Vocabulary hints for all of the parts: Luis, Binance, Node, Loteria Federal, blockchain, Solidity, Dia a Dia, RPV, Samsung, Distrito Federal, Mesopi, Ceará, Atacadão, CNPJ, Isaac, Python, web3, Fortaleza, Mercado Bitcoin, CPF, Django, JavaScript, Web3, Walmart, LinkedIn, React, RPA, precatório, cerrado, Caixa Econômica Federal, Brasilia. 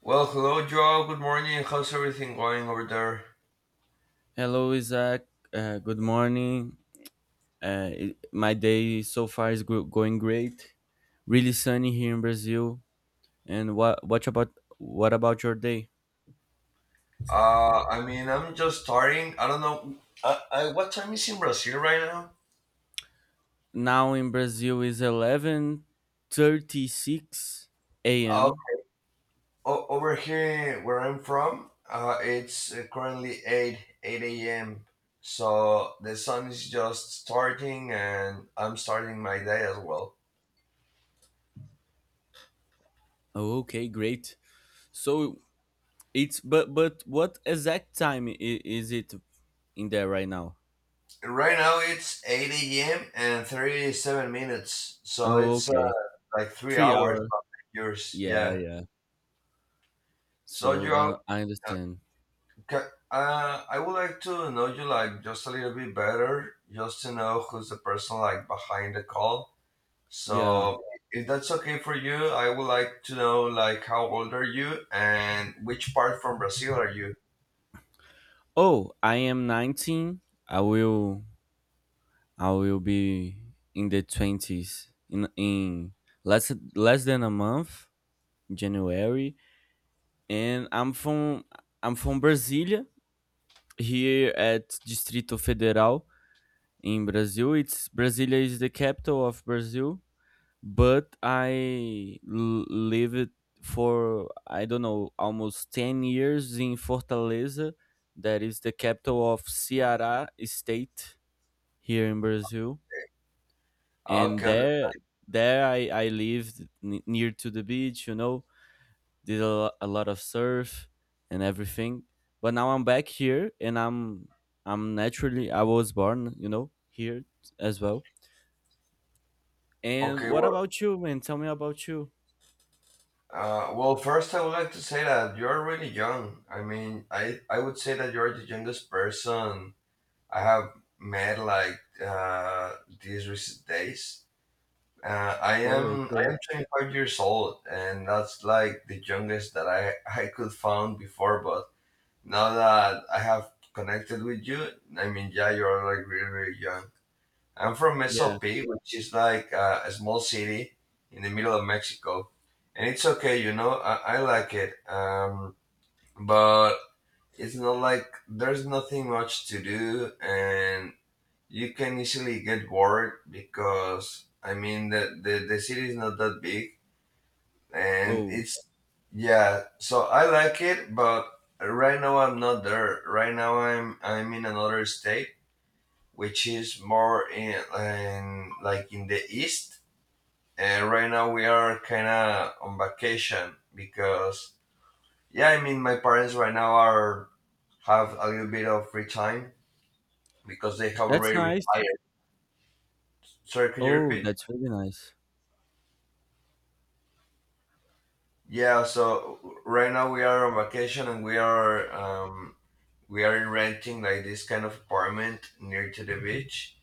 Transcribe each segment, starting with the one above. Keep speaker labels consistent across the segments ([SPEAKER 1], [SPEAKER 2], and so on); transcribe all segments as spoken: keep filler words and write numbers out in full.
[SPEAKER 1] Well, hello, Joe. Good morning. How's everything going over there?
[SPEAKER 2] Hello, Isaac. Uh, good morning. Uh, it- my day so far is go- going great. Really sunny here in Brazil. And what what about what about your day?
[SPEAKER 1] Uh, I mean, I'm just starting. I don't know. I, I, what time is in Brazil right now?
[SPEAKER 2] Now in Brazil is eleven thirty six
[SPEAKER 1] Uh,
[SPEAKER 2] a m.
[SPEAKER 1] o- Over here, where I'm from, uh, it's uh, currently eight eight a m. So the sun is just starting, and I'm starting my day as well.
[SPEAKER 2] Oh, okay, great. So it's but but what exact time i- is it in there right now?
[SPEAKER 1] Right now, it's eight a m and thirty-seven minutes. So
[SPEAKER 2] Oh,
[SPEAKER 1] it's uh,
[SPEAKER 2] okay,
[SPEAKER 1] like three
[SPEAKER 2] three
[SPEAKER 1] hours
[SPEAKER 2] hour.
[SPEAKER 1] behind yours.
[SPEAKER 2] Yeah,
[SPEAKER 1] Yeah.
[SPEAKER 2] yeah.
[SPEAKER 1] So,
[SPEAKER 2] So
[SPEAKER 1] Joe.
[SPEAKER 2] uh, I understand.
[SPEAKER 1] Ca uh, I would like to know you like just a little bit better, just to know who's the person like behind the call.
[SPEAKER 2] Yeah.
[SPEAKER 1] So if that's okay for you, I would like to know like how old are you and which part from Brazil are you?
[SPEAKER 2] Oh, I am nineteen. I will I will be in the twenties in in less less than a month, January, and I'm from I'm from Brasilia here at Distrito Federal in Brazil. It's Brasilia is the capital of Brazil, but I l- lived for I don't know almost ten years in Fortaleza that is the capital of Ceará state here in Brazil, and
[SPEAKER 1] Okay,
[SPEAKER 2] there there I I lived n- near to the beach, you know, did a, lo- a lot of surf and everything. But now I'm back here, and I'm I'm naturally I was born, you know, here as well. And
[SPEAKER 1] okay.
[SPEAKER 2] what
[SPEAKER 1] Well,
[SPEAKER 2] about you, man? Tell me about you.
[SPEAKER 1] uh, well, first I would like to say that you're really young. I mean, I I would say that you're the youngest person I have met like uh, these recent days. Uh, I
[SPEAKER 2] Oh,
[SPEAKER 1] am I
[SPEAKER 2] okay.
[SPEAKER 1] am twenty-five years old, and that's like the youngest that I I could found before. But now that I have connected with you, I mean, yeah, you're like really really young. I'm from
[SPEAKER 2] Yeah.
[SPEAKER 1] Mesopi, which is like uh, a small city in the middle of Mexico, and it's okay, you know, I, I like it. Um, but it's not like there's nothing much to do, and you can easily get bored because I mean the, the the city is not that big and
[SPEAKER 2] Oh,
[SPEAKER 1] it's yeah, so I like it, but right now I'm not there. Right now I'm I'm in another state which is more in, in like in the east, and right now we are kind of on vacation because yeah, I mean my parents right now are have a little bit of free time because they have
[SPEAKER 2] that's
[SPEAKER 1] already
[SPEAKER 2] nice.
[SPEAKER 1] retired. Sorry, can you
[SPEAKER 2] Oh,
[SPEAKER 1] repeat?
[SPEAKER 2] that's really nice.
[SPEAKER 1] Yeah, so right now we are on vacation and we are um we are renting like this kind of apartment near to the beach.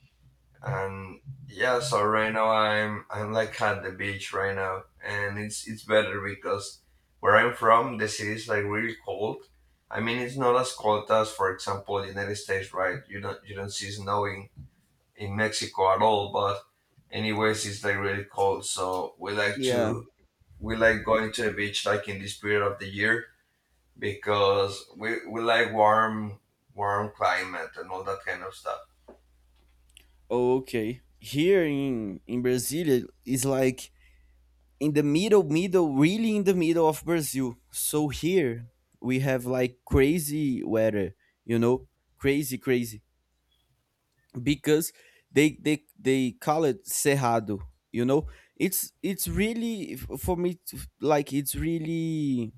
[SPEAKER 1] And yeah, so right now I'm I'm like at the beach right now, and it's it's better because where I'm from the city is like really cold. I mean it's not as cold as for example the United States, right? You don't you don't see snow in, in Mexico at all, but anyways it's like really cold, so we like
[SPEAKER 2] Yeah.
[SPEAKER 1] to we like going to the beach like in this period of the year because we, we like warm warm climate and all that kind of stuff.
[SPEAKER 2] Oh, okay. Here in in Brazil, it's like in the middle, middle, really in the middle of Brazil. So here we have like crazy weather, you know, crazy, crazy, because they they they call it cerrado. You know, it's it's really f- for me, it's f- like it's really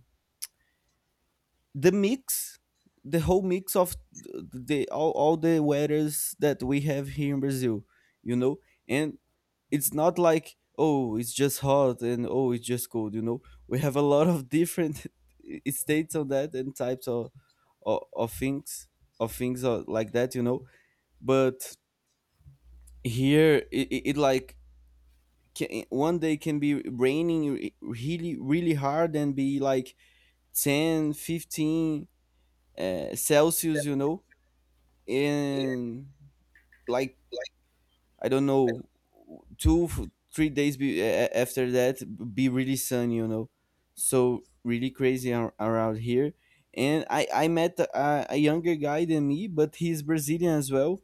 [SPEAKER 2] the mix the whole mix of th- the all, all the weathers that we have here in brazil you know and it's not like oh it's just hot and oh it's just cold you know we have a lot of different states of that and types of of, of things of things uh, like that you know but here it, it, it like can, one day can be raining re- really really hard and be like ten fifteen, uh, celsius you know in like I don't know two f- three days be, a- a- after that be really sunny, you know. So really crazy ar- around here. And I I met a, a younger guy than me, but he's Brazilian as well.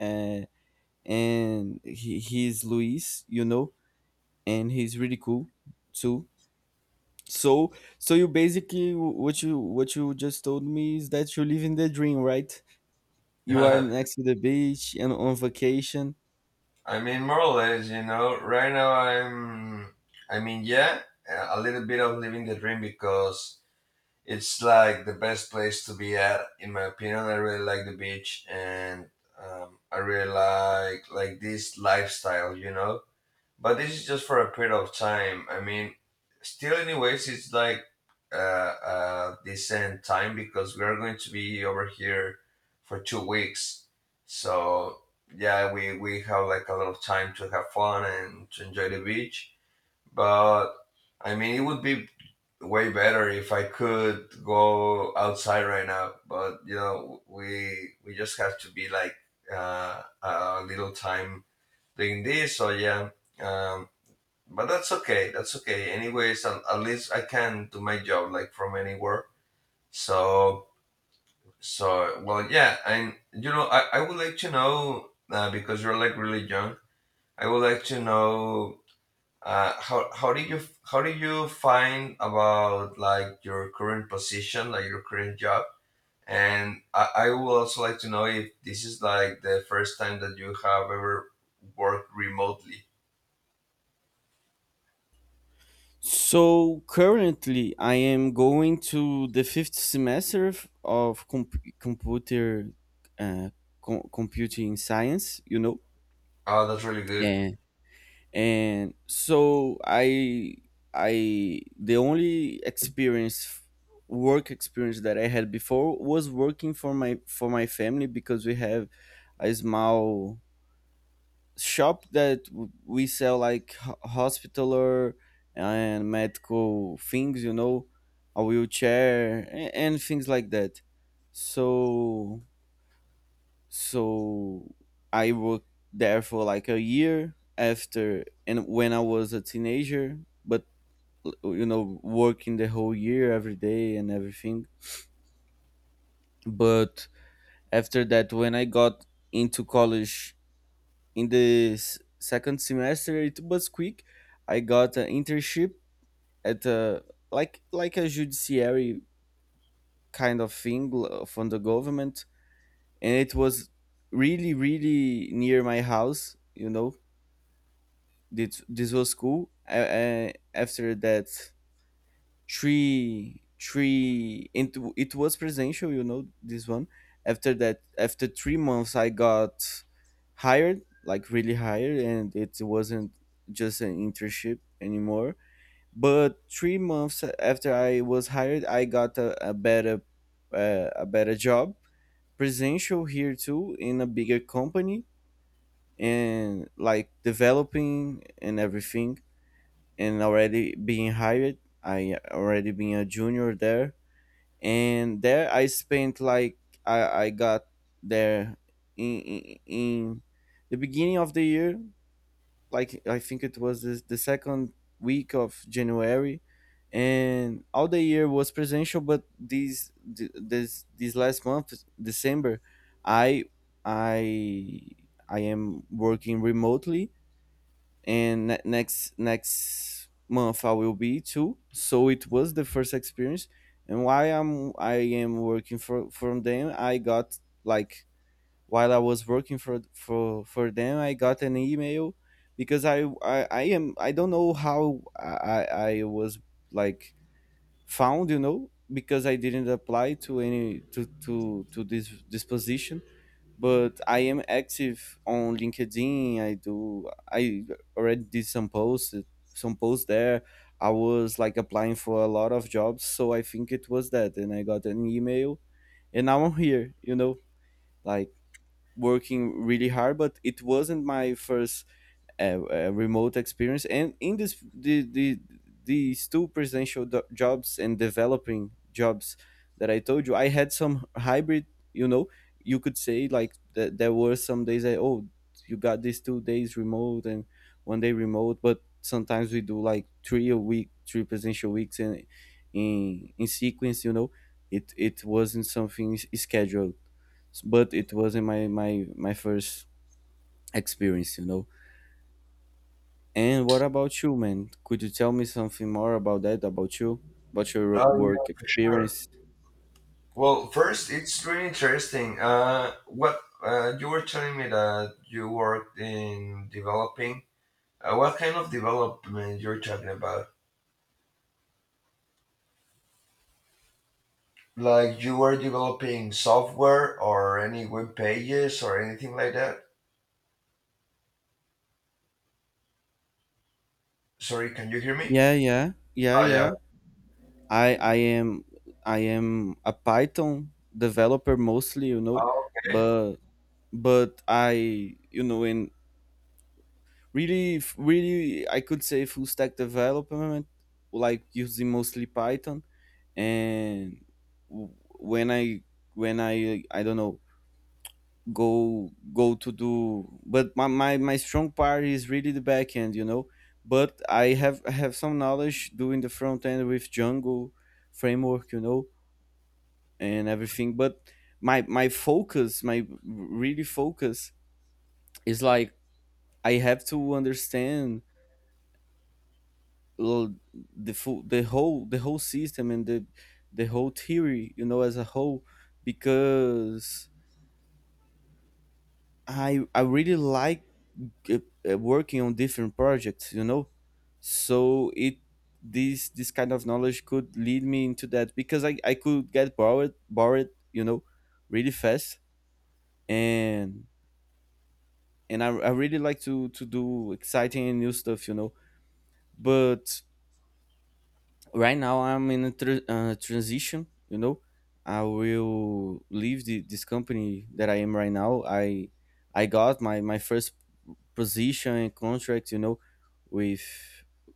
[SPEAKER 2] Uh, and he he's Luis, you know, and he's really cool too. So so you basically what you what you just told me is that you're living the dream, right? You are next to the beach and on vacation.
[SPEAKER 1] I mean, more or less, you know. Right now, I'm. I mean, yeah, a little bit of living the dream because it's like the best place to be at, in my opinion. I really like the beach, and um, I really like like this lifestyle, you know. But this is just for a period of time. I mean, still, anyways, it's like uh, uh, decent time because we are going to be over here for two weeks. So yeah, we we have like a lot of time to have fun and to enjoy the beach. But I mean, it would be way better if I could go outside right now. But you know, we we just have to be like uh, a little time doing this. So yeah. Um, but that's okay, that's okay anyways, at, at least I can do my job like from anywhere. So so well, yeah, and you know, i, I would like to know uh, because you're like really young, I would like to know uh, how, how did you how did you find about like your current position, like your current job. And I, I would also like to know if this is like the first time that you have ever worked remotely.
[SPEAKER 2] So currently, I am going to the fifth semester f- of comp- computer uh, com- computing science. You know,
[SPEAKER 1] Oh, that's really good.
[SPEAKER 2] and and so I I the only experience work experience that I had before was working for my for my family because we have a small shop that w- we sell like ho- hospitaler and medical things you know a wheelchair and, and things like that so so I worked there for like a year after and when I was a teenager, but you know working the whole year every day and everything. But after that when I got into college in the s- second semester it was quick. I got an internship at a like like a judiciary kind of thing l- from the government and it was really really near my house you know. This, this was cool. I, I, after that three three it, w- it was presential, you know this one. After that after three months I got hired, like really hired, and it wasn't just an internship anymore. But three months after I was hired I got a, a better uh, a better job, presential here too, in a bigger company and like developing and everything, and already being hired I already being a junior there. And there I spent like I, I got there in, in in the beginning of the year, like I think it was the, the second week of January, and all the year was presential. But these th- this this last month, December, I I I am working remotely and ne- next next month I will be too. So it was the first experience, and while I'm I am working for from them, I got like while I was working for for for them, I got an email because I I, I am I don't know how I I I was like found you know because I didn't apply to any to to to this this position, but I am active on LinkedIn. I do. I already did some posts, some posts there. I was like applying for a lot of jobs, so I think it was that. And I got an email, and now I'm here. You know, like working really hard. But it wasn't my first a, a remote experience. And in this, the, the these two presidential do- jobs and developing jobs that I told you, I had some hybrid. You know, you could say like that there were some days I oh you got these two days remote and one day remote, but sometimes we do like three a week, three presidential weeks in in in sequence. You know, it it wasn't something s- scheduled, but it wasn't my my my first experience. You know, and what about you, man? Could you tell me something more about that, about you, about your ro-
[SPEAKER 1] Oh yeah,
[SPEAKER 2] work
[SPEAKER 1] for sure.
[SPEAKER 2] experience?
[SPEAKER 1] Well, first, it's really interesting. Uh, what uh, you were telling me that you worked in developing. Uh, what kind of development you're talking about? Like, you were developing software or any web pages or anything like that? Sorry, can you hear me?
[SPEAKER 2] Yeah, yeah, yeah,
[SPEAKER 1] Oh,
[SPEAKER 2] yeah.
[SPEAKER 1] yeah.
[SPEAKER 2] I I am I am a Python developer mostly, you know,
[SPEAKER 1] Oh, okay.
[SPEAKER 2] but but I you know in really f- really I could say full stack development, like using mostly Python, and w- when I when I I don't know go go to do, but my, my my strong part is really the back end you know. But i have I have some knowledge doing the front end with django framework you know and everything. But my my focus my really focus is like I have to understand l- the full the whole the whole system and the the whole theory you know as a whole, because i i really like uh, uh, working on different projects you know. So it this this kind of knowledge could lead me into that because i, I could get bored bored you know really fast. And and I, I really like to to do exciting and new stuff you know. But right now I'm in a tr- uh, transition you know. I will leave the, this company that I am right now. I i got my my first position and contract, you know, with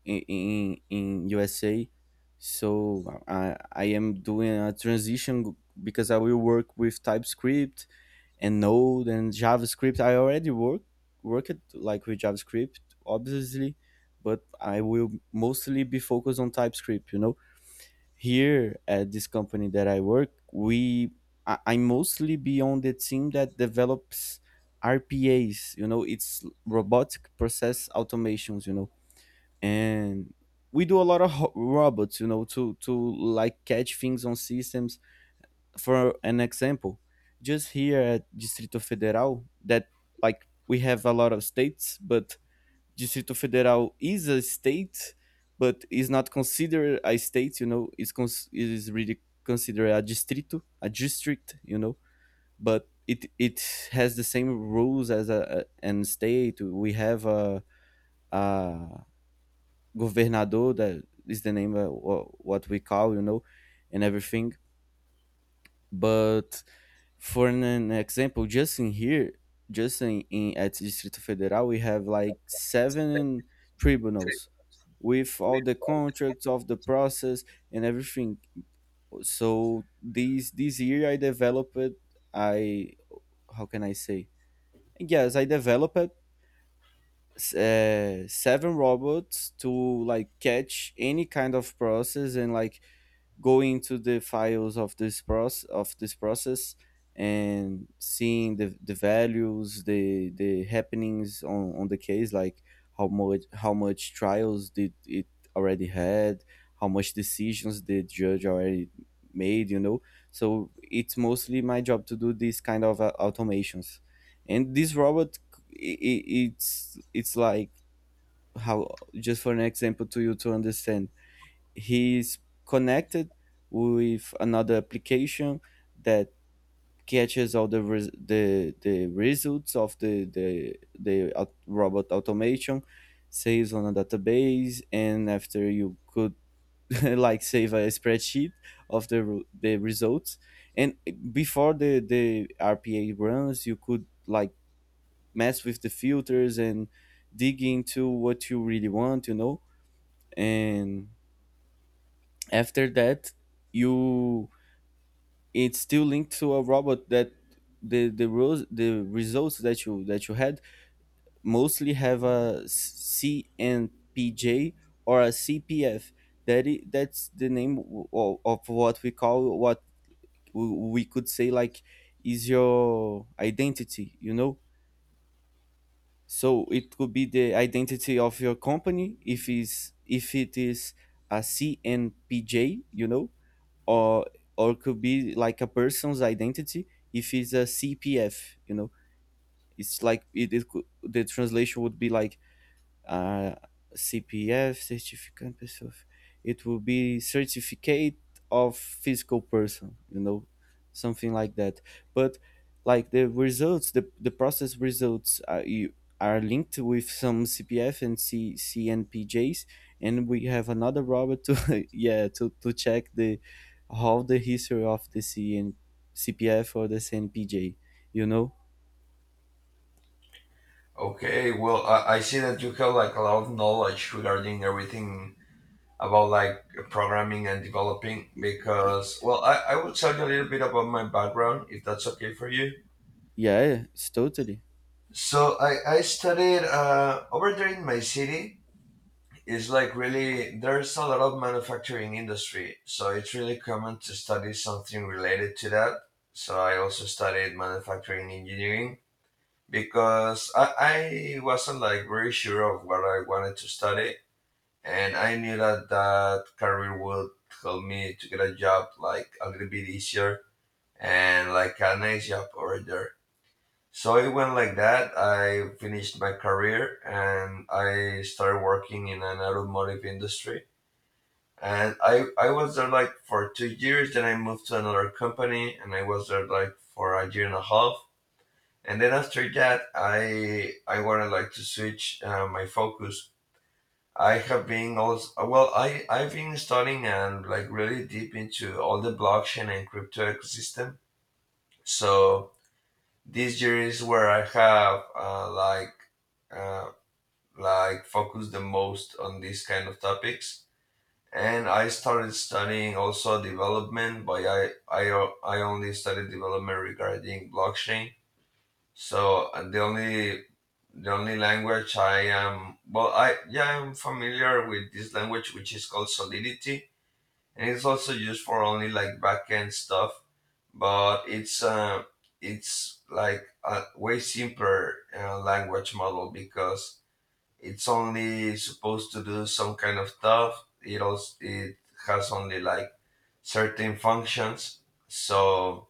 [SPEAKER 2] in in, in U S A. So I I am doing a transition because I will work with TypeScript and Node and JavaScript. I already work worked like with JavaScript, obviously, but I will mostly be focused on TypeScript. You know, here at this company that I work, we I, I mostly be on the team that develops R P As. You know, it's robotic process automations. You know, and we do a lot of ho- robots. You know, to to like catch things on systems. For an example, just here at Distrito Federal, that like we have a lot of states, but Distrito Federal is a state, but is not considered a state. You know, it's cons- it is really considered a distrito, a district. You know, but it it has the same rules as a, a an state. We have a, a governador that is the name of what we call. You know, and everything. But for an an example, just in here, just in, in at Distrito Federal, we have like seven tribunals with all the contracts of the process and everything. So this this year I developed I how can I say? Yes, I developed uh, seven robots to like catch any kind of process and like go into the files of this process of this process and seeing the, the values the the happenings on, on the case, like how much how much trials did it already had, how much decisions the judge already made you know. So it's mostly my job to do these kind of uh, automations. And this robot i i- it's it's like how, just for an example to you to understand, he's connected with another application that catches all the res- the the results of the the the au- robot automation, saves on a database and after you could like save a spreadsheet of the ru- the results. And before the the R P A runs you could like mess with the filters and dig into what you really want you know. And after that you it's still linked to a robot that the the rules, the results that you that you had mostly have a C N P J or a C P F. That i- that's the name of, of what we call what w- we could say like is your identity. You know, so it could be the identity of your company if is if it is a C N P J. You know, or or could be like a person's identity if it's a C P F, you know. It's like it, it could, the translation would be like uh, C P F, certificate pessoa. It will be certificate of physical person, you know, something like that. But like the results, the, the process results are, you, are linked with some C P F and C, CNPJs. And we have another robot to yeah, to, to check the how the history of the C N C P F or the C N P J, you know.
[SPEAKER 1] Okay. Well, I, I see that you have like a lot of knowledge regarding everything about like programming and developing because, well, I, I will tell you a little bit about my background if that's okay for you.
[SPEAKER 2] Yeah, it's totally.
[SPEAKER 1] So I, I studied uh, over there in my city. It's like really there's a lot of manufacturing industry, so it's really common to study something related to that. So I also studied manufacturing engineering because I, I wasn't like very sure of what I wanted to study, and I knew that that career would help me to get a job like a little bit easier and like a nice job over there. So it went like that. I finished my career and I started working in an automotive industry. And I, I was there like for two years. Then I moved to another company and I was there like for a year and a half. And then after that, I I wanted like to switch uh, my focus. I have been also well. I I've been studying and like really deep into all the blockchain and crypto ecosystem. So this year is where I have uh, like uh, like focus the most on these kind of topics, and I started studying also development, but i i, o- I only studied development regarding blockchain. So uh, the only the only language I am well I yeah, I'm familiar with this language which is called Solidity, and it's also used for only like backend stuff. But it's uh, it's like a way simpler uh, language model because it's only supposed to do some kind of stuff. It also it has only like certain functions. So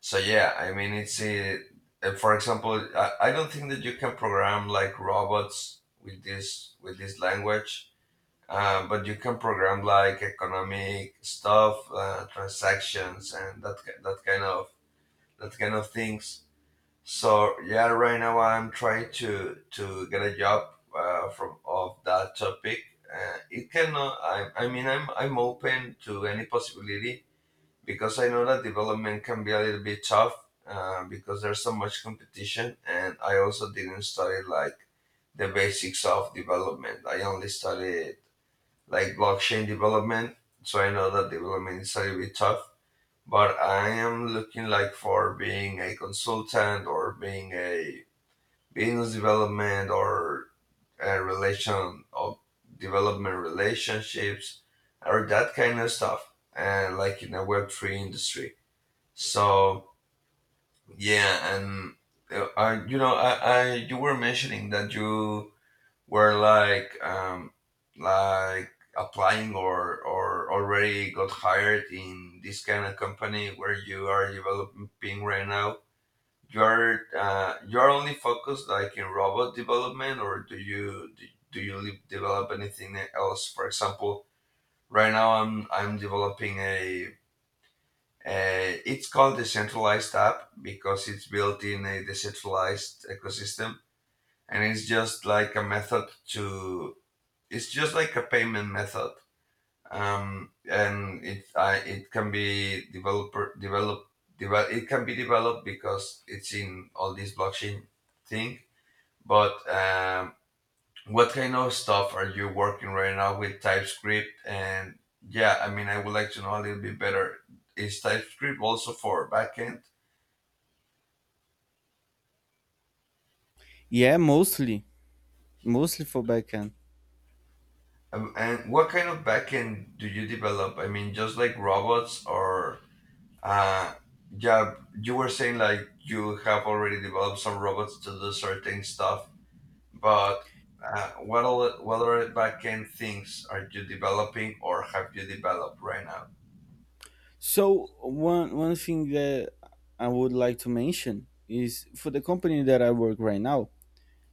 [SPEAKER 1] so yeah, I mean it's a, uh, for example, I, I don't think that you can program like robots with this with this language. Uh, but you can program like economic stuff, uh, transactions, and that ki- that kind of that kind of things. So yeah, right now I'm trying to to get a job uh, from of that topic. Uh, it cannot. I, I mean, I'm I'm open to any possibility because I know that development can be a little bit tough uh, because there's so much competition, and I also didn't study like the basics of development. I only studied like blockchain development, so I know that development is a little bit tough. But I am looking like for being a consultant or being a business development or uh, relation of development relationships or that kind of stuff, and like in a Web three industry. So yeah, and uh, I, you know, I, I you were mentioning that you were like um, like applying or or already got hired in this kind of company where you are developing right now. You're uh, you're only focused like in robot development, or do you do, do you li- develop anything else? For example, right now I'm I'm developing a, a it's called decentralized app because it's built in a decentralized ecosystem, and it's just like a method to it's just like a payment method, um, and it I it can be developer develop develop it can be developed because it's in all this blockchain thing. But um, what kind of stuff are you working right now with TypeScript? And yeah, I mean, I would like to know a little bit better. Is TypeScript also for backend?
[SPEAKER 2] Yeah, mostly mostly for backend.
[SPEAKER 1] Um, and what kind of backend do you develop? I mean, just like robots or uh, yeah, you were saying like you have already developed some robots to do certain stuff, but uh, what all, what other backend things are you developing or have you developed right now?
[SPEAKER 2] So one one thing that I would like to mention is for the company that I work right now.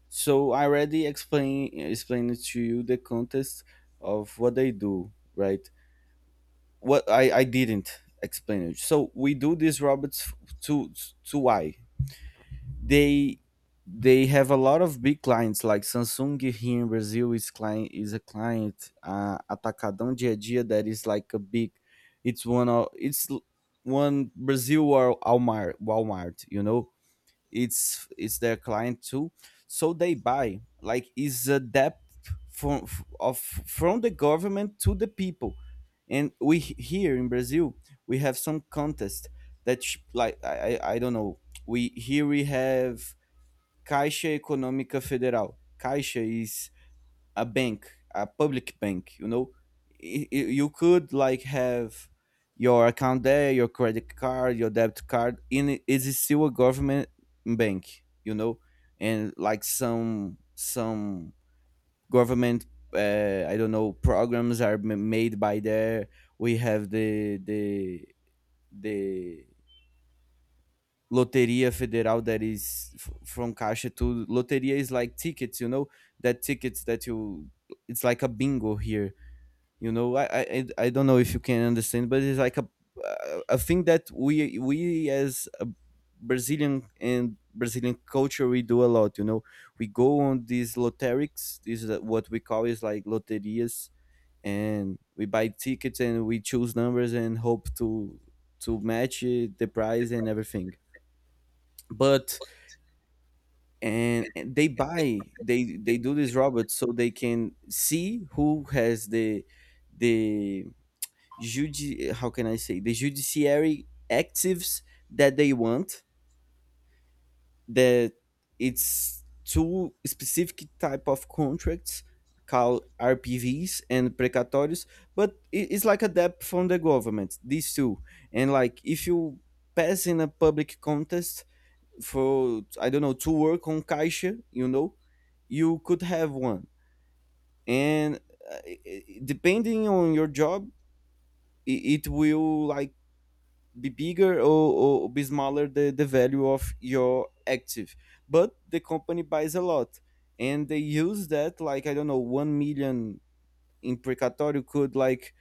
[SPEAKER 2] So I already explain explained to you the context of what they do, right? What I, I didn't explain it. So we do these robots f- to to why? they they have a lot of big clients like Samsung. Here in Brazil is client, is a client. uh, Atacadão Dia a Dia, that is like a big, it's one of, it's l- one Brazil, or Walmart Walmart, you know, it's it's their client too. So they buy like is a debt from f- of from the government to the people. And we h- here in Brazil we have some contest that sh- like i i I don't know. We, here we have Caixa Econômica Federal. Caixa is a bank, a public bank, you know. Y- y- you could like have your account there, your credit card, your debit card, in it is still a government bank, you know. And like some some government, uh, I don't know, programs are ma- made by there. We have the the the Loteria Federal that is f- from Caixa. To Loteria is like tickets, you know, that tickets that you, it's like a bingo here, you know. i i, I don't know if you can understand, but it's like a a thing that we we as a Brazilian and Brazilian culture we do a lot, you know. We go on these lotterics, this is what we call, is like loterias. And we buy tickets and we choose numbers and hope to to match it, the price and everything. But and, and they buy, they they do these robots so they can see who has the the judi- how can I say, the judiciary actives that they want, that, it's two specific type of contracts called R P Vs and precatórios. But i- it's like a debt from the government, these two. And like if you pass in a public contest for, I don't know, to work on Caixa, you know, you could have one. And uh, i- i- depending on your job, i- it will like be bigger, or, or be smaller, the, the value of your active. But the company buys a lot and they use that like, I don't know, one million in precatorio could like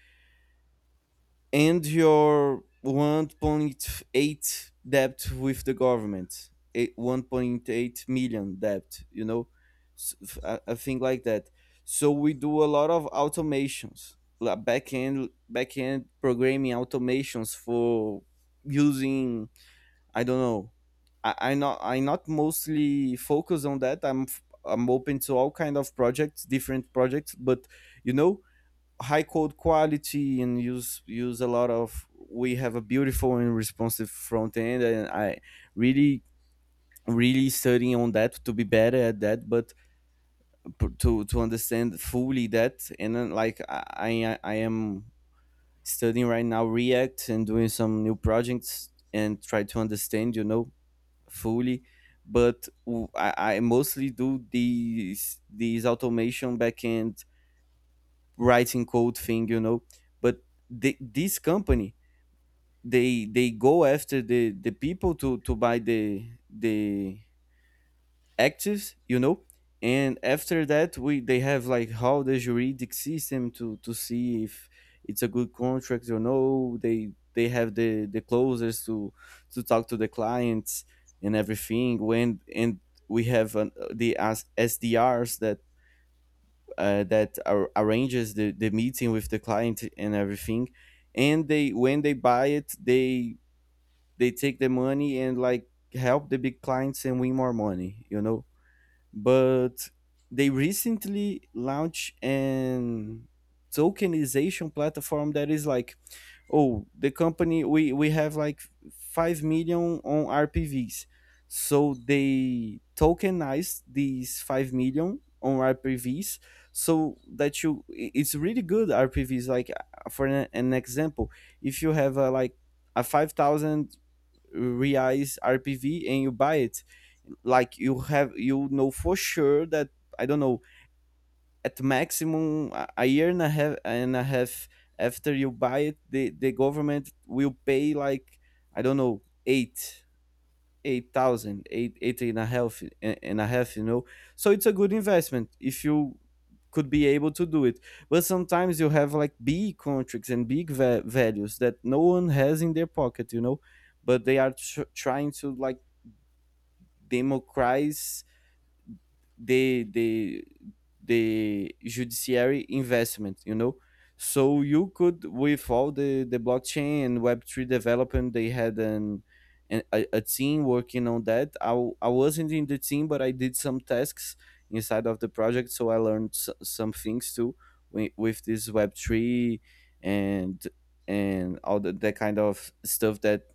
[SPEAKER 2] end your one point eight debt with the government. Eight, one, 1.8 million debt, you know. S- f- a, a thing like that. So we do a lot of automations like back end back end programming automations for using, I don't know. I, I not I not mostly focus on that. I'm i I'm open to all kind of projects, different projects, but, you know, high code quality and use use a lot of. We have a beautiful and responsive front end, and I really, really studying on that to be better at that, but to to understand fully that. And then like i i, I am studying right now React and doing some new projects and try to understand, you know, fully. But w- I, I mostly do these these automation backend writing code thing, you know. But the, this company, they they go after the the people to to buy the the active, you know. And after that, we, they have like how the juridic system to to see if it's a good contract or no. They they have the the closers to to talk to the clients and everything. When and we have an, the S- sdrs that uh, that ar- arranges the, the meeting with the client and everything. And they, when they buy it, they they take the money and like help the big clients and win more money, you know. But they recently launched an tokenization platform that is like, oh, the company, we we have like five million on rpvs. So they tokenized these five million on rpvs, so that you, i- it's really good rpvs, like, uh, for an, an example, if you have a, like a five thousand reais rpv and you buy it, like you have, you know for sure that, I don't know, at maximum a- a year and a half, and a half, after you buy it, the the government will pay like, I don't know, eight, eight thousand eight, eight and a half, and a half, you know. So it's a good investment if you could be able to do it. But sometimes you have like big contracts and big va- values that no one has in their pocket, you know. But they are tr- trying to like democratize the the the judiciary investment, you know. So you could, with all the the blockchain and web three development, they had an, an a, a team working on that. I, w- I wasn't in the team, but I did some tasks inside of the project, so I learned s- some things too with, with this web three, and and all the, the kind of stuff that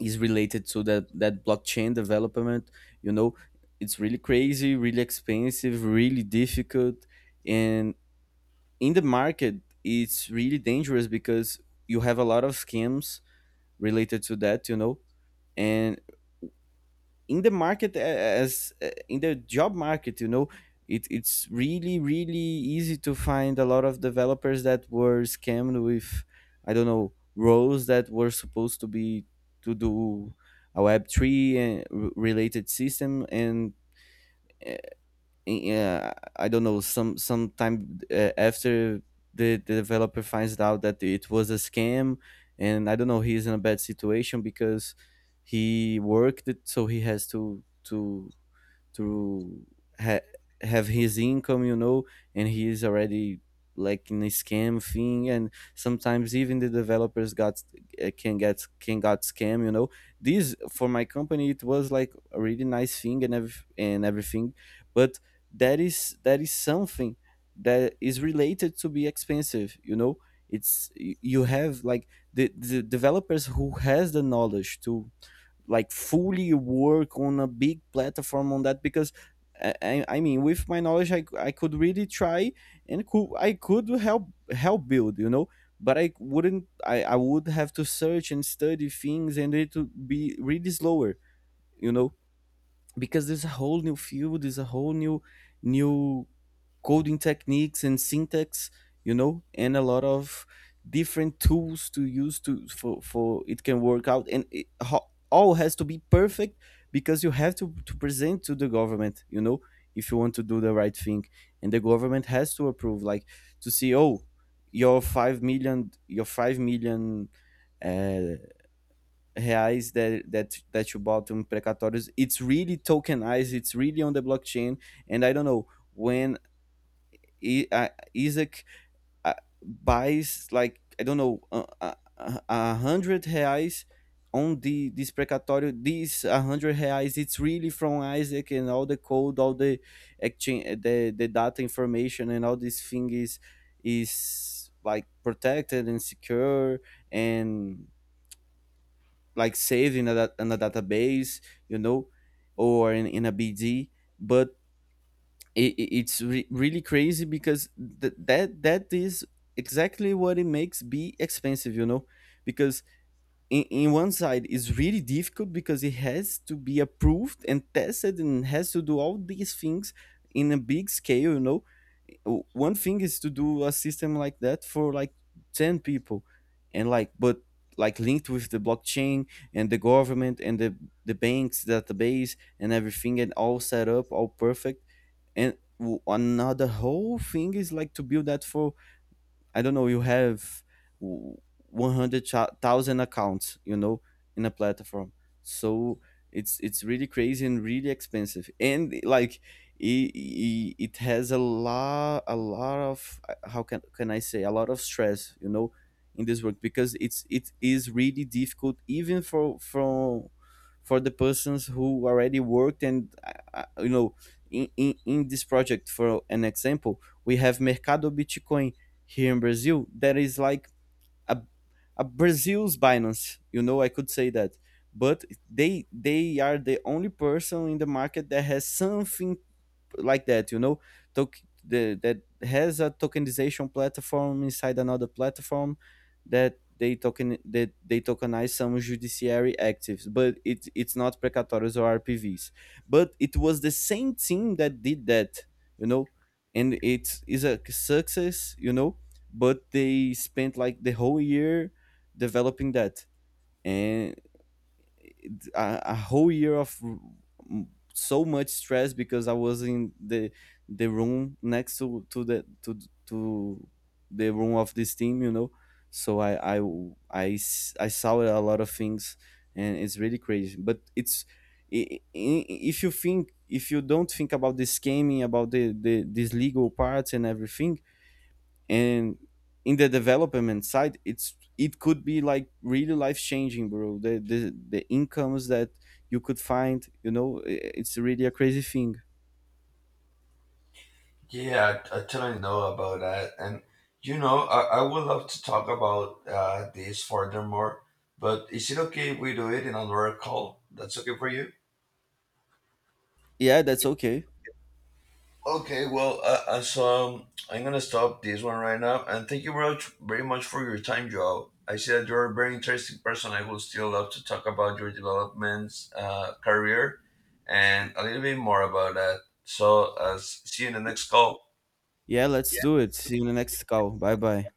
[SPEAKER 2] is related to that, that blockchain development, you know. It's really crazy, really expensive, really difficult. And in the market, it's really dangerous because you have a lot of scams related to that, you know. And in the market, as in the job market, you know, it, it's really really easy to find a lot of developers that were scammed with, I don't know, roles that were supposed to be to do a web three and r- related system. And uh, yeah, I don't know, some sometime uh, after, the, the developer finds out that it was a scam. And I don't know, he's in a bad situation because he worked it, so he has to to to ha- have his income, you know. And he is already like in a scam thing. And sometimes even the developers got uh, can get, can got scam, you know. This for my company, it was like a really nice thing and ev- and everything. But that is, that is something that is related to be expensive, you know. It's, y- you have like the, the developers who has the knowledge to like fully work on a big platform on that. Because I- I mean, with my knowledge, I, I could really try and could, I could help, help build, you know. But I wouldn't, I, I would have to search and study things, and it would be really slower, you know. Because there's a whole new field, there's a whole new, new coding techniques and syntax, you know, and a lot of different tools to use to for for it can work out. And it, ho- all has to be perfect because you have to to present to the government, you know, if you want to do the right thing. And the government has to approve, like to see, oh, your five million, your five million. Uh, reais that that that you bought on precatórios, it's really tokenized, it's really on the blockchain. And I don't know, when I, uh, Isaac, uh, buys like, I don't know, a uh, uh, a hundred reais on the, this precatório, these a hundred reais it's really from Isaac. And all the code, all the exchange, the the data, information, and all this thing is is like protected and secure. And like saved in a, da- in a database, you know, or in, in a B D. But it, it's re- really crazy because th- that, that is exactly what it makes be expensive, you know. Because in, in one side, is really difficult because it has to be approved and tested and has to do all these things in a big scale, you know. Uh, one thing is to do a system like that for like ten people, and like, but like linked with the blockchain and the government and the the banks database and everything and all set up all perfect. And w- another whole thing is like to build that for, I don't know, you have one hundred thousand accounts, you know, in a platform. So it's it's really crazy and really expensive. And like it, it, it has a lot, a lot of, how can can I say, a lot of stress, you know, in this work, because it's, it is really difficult, even for from for the persons who already worked. And uh, you know, in, in, in this project, for an example, we have Mercado Bitcoin here in Brazil, that is like a, a Brazil's Binance. You know, I could say that. But they they are the only person in the market that has something like that, you know. Tok the, that has a tokenization platform inside another platform that they token that they tokenize some judiciary actives, but it, it's not precatórios or R P Vs. But it was the same team that did that, you know, and it is a success, you know. But they spent like the whole year developing that. And a, a whole year of so much stress because I was in the the room next to to the to to the room of this team, you know. So I I I, s- I saw a lot of things, and it's really crazy. But it's, i- i- if you think, if you don't think about the scheming, about the, the these legal parts and everything. And in the development side, it's, it could be like really life changing, bro. the, the the incomes that you could find, you know, i- it's really a crazy thing.
[SPEAKER 1] Yeah, I, I totally know about that. And, you know, I, I would love to talk about uh, this furthermore, but is it okay if we do it in another call? That's okay for you?
[SPEAKER 2] Yeah, that's okay.
[SPEAKER 1] Okay, well, uh, uh, so um, I'm gonna stop this one right now, and thank you very much, very much for your time, Joe. I see that you're a very interesting person. I would still love to talk about your developments, uh, career, and a little bit more about that. So, uh, s- see you in the next call.
[SPEAKER 2] Yeah, let's do it. See you in the next call. Bye bye.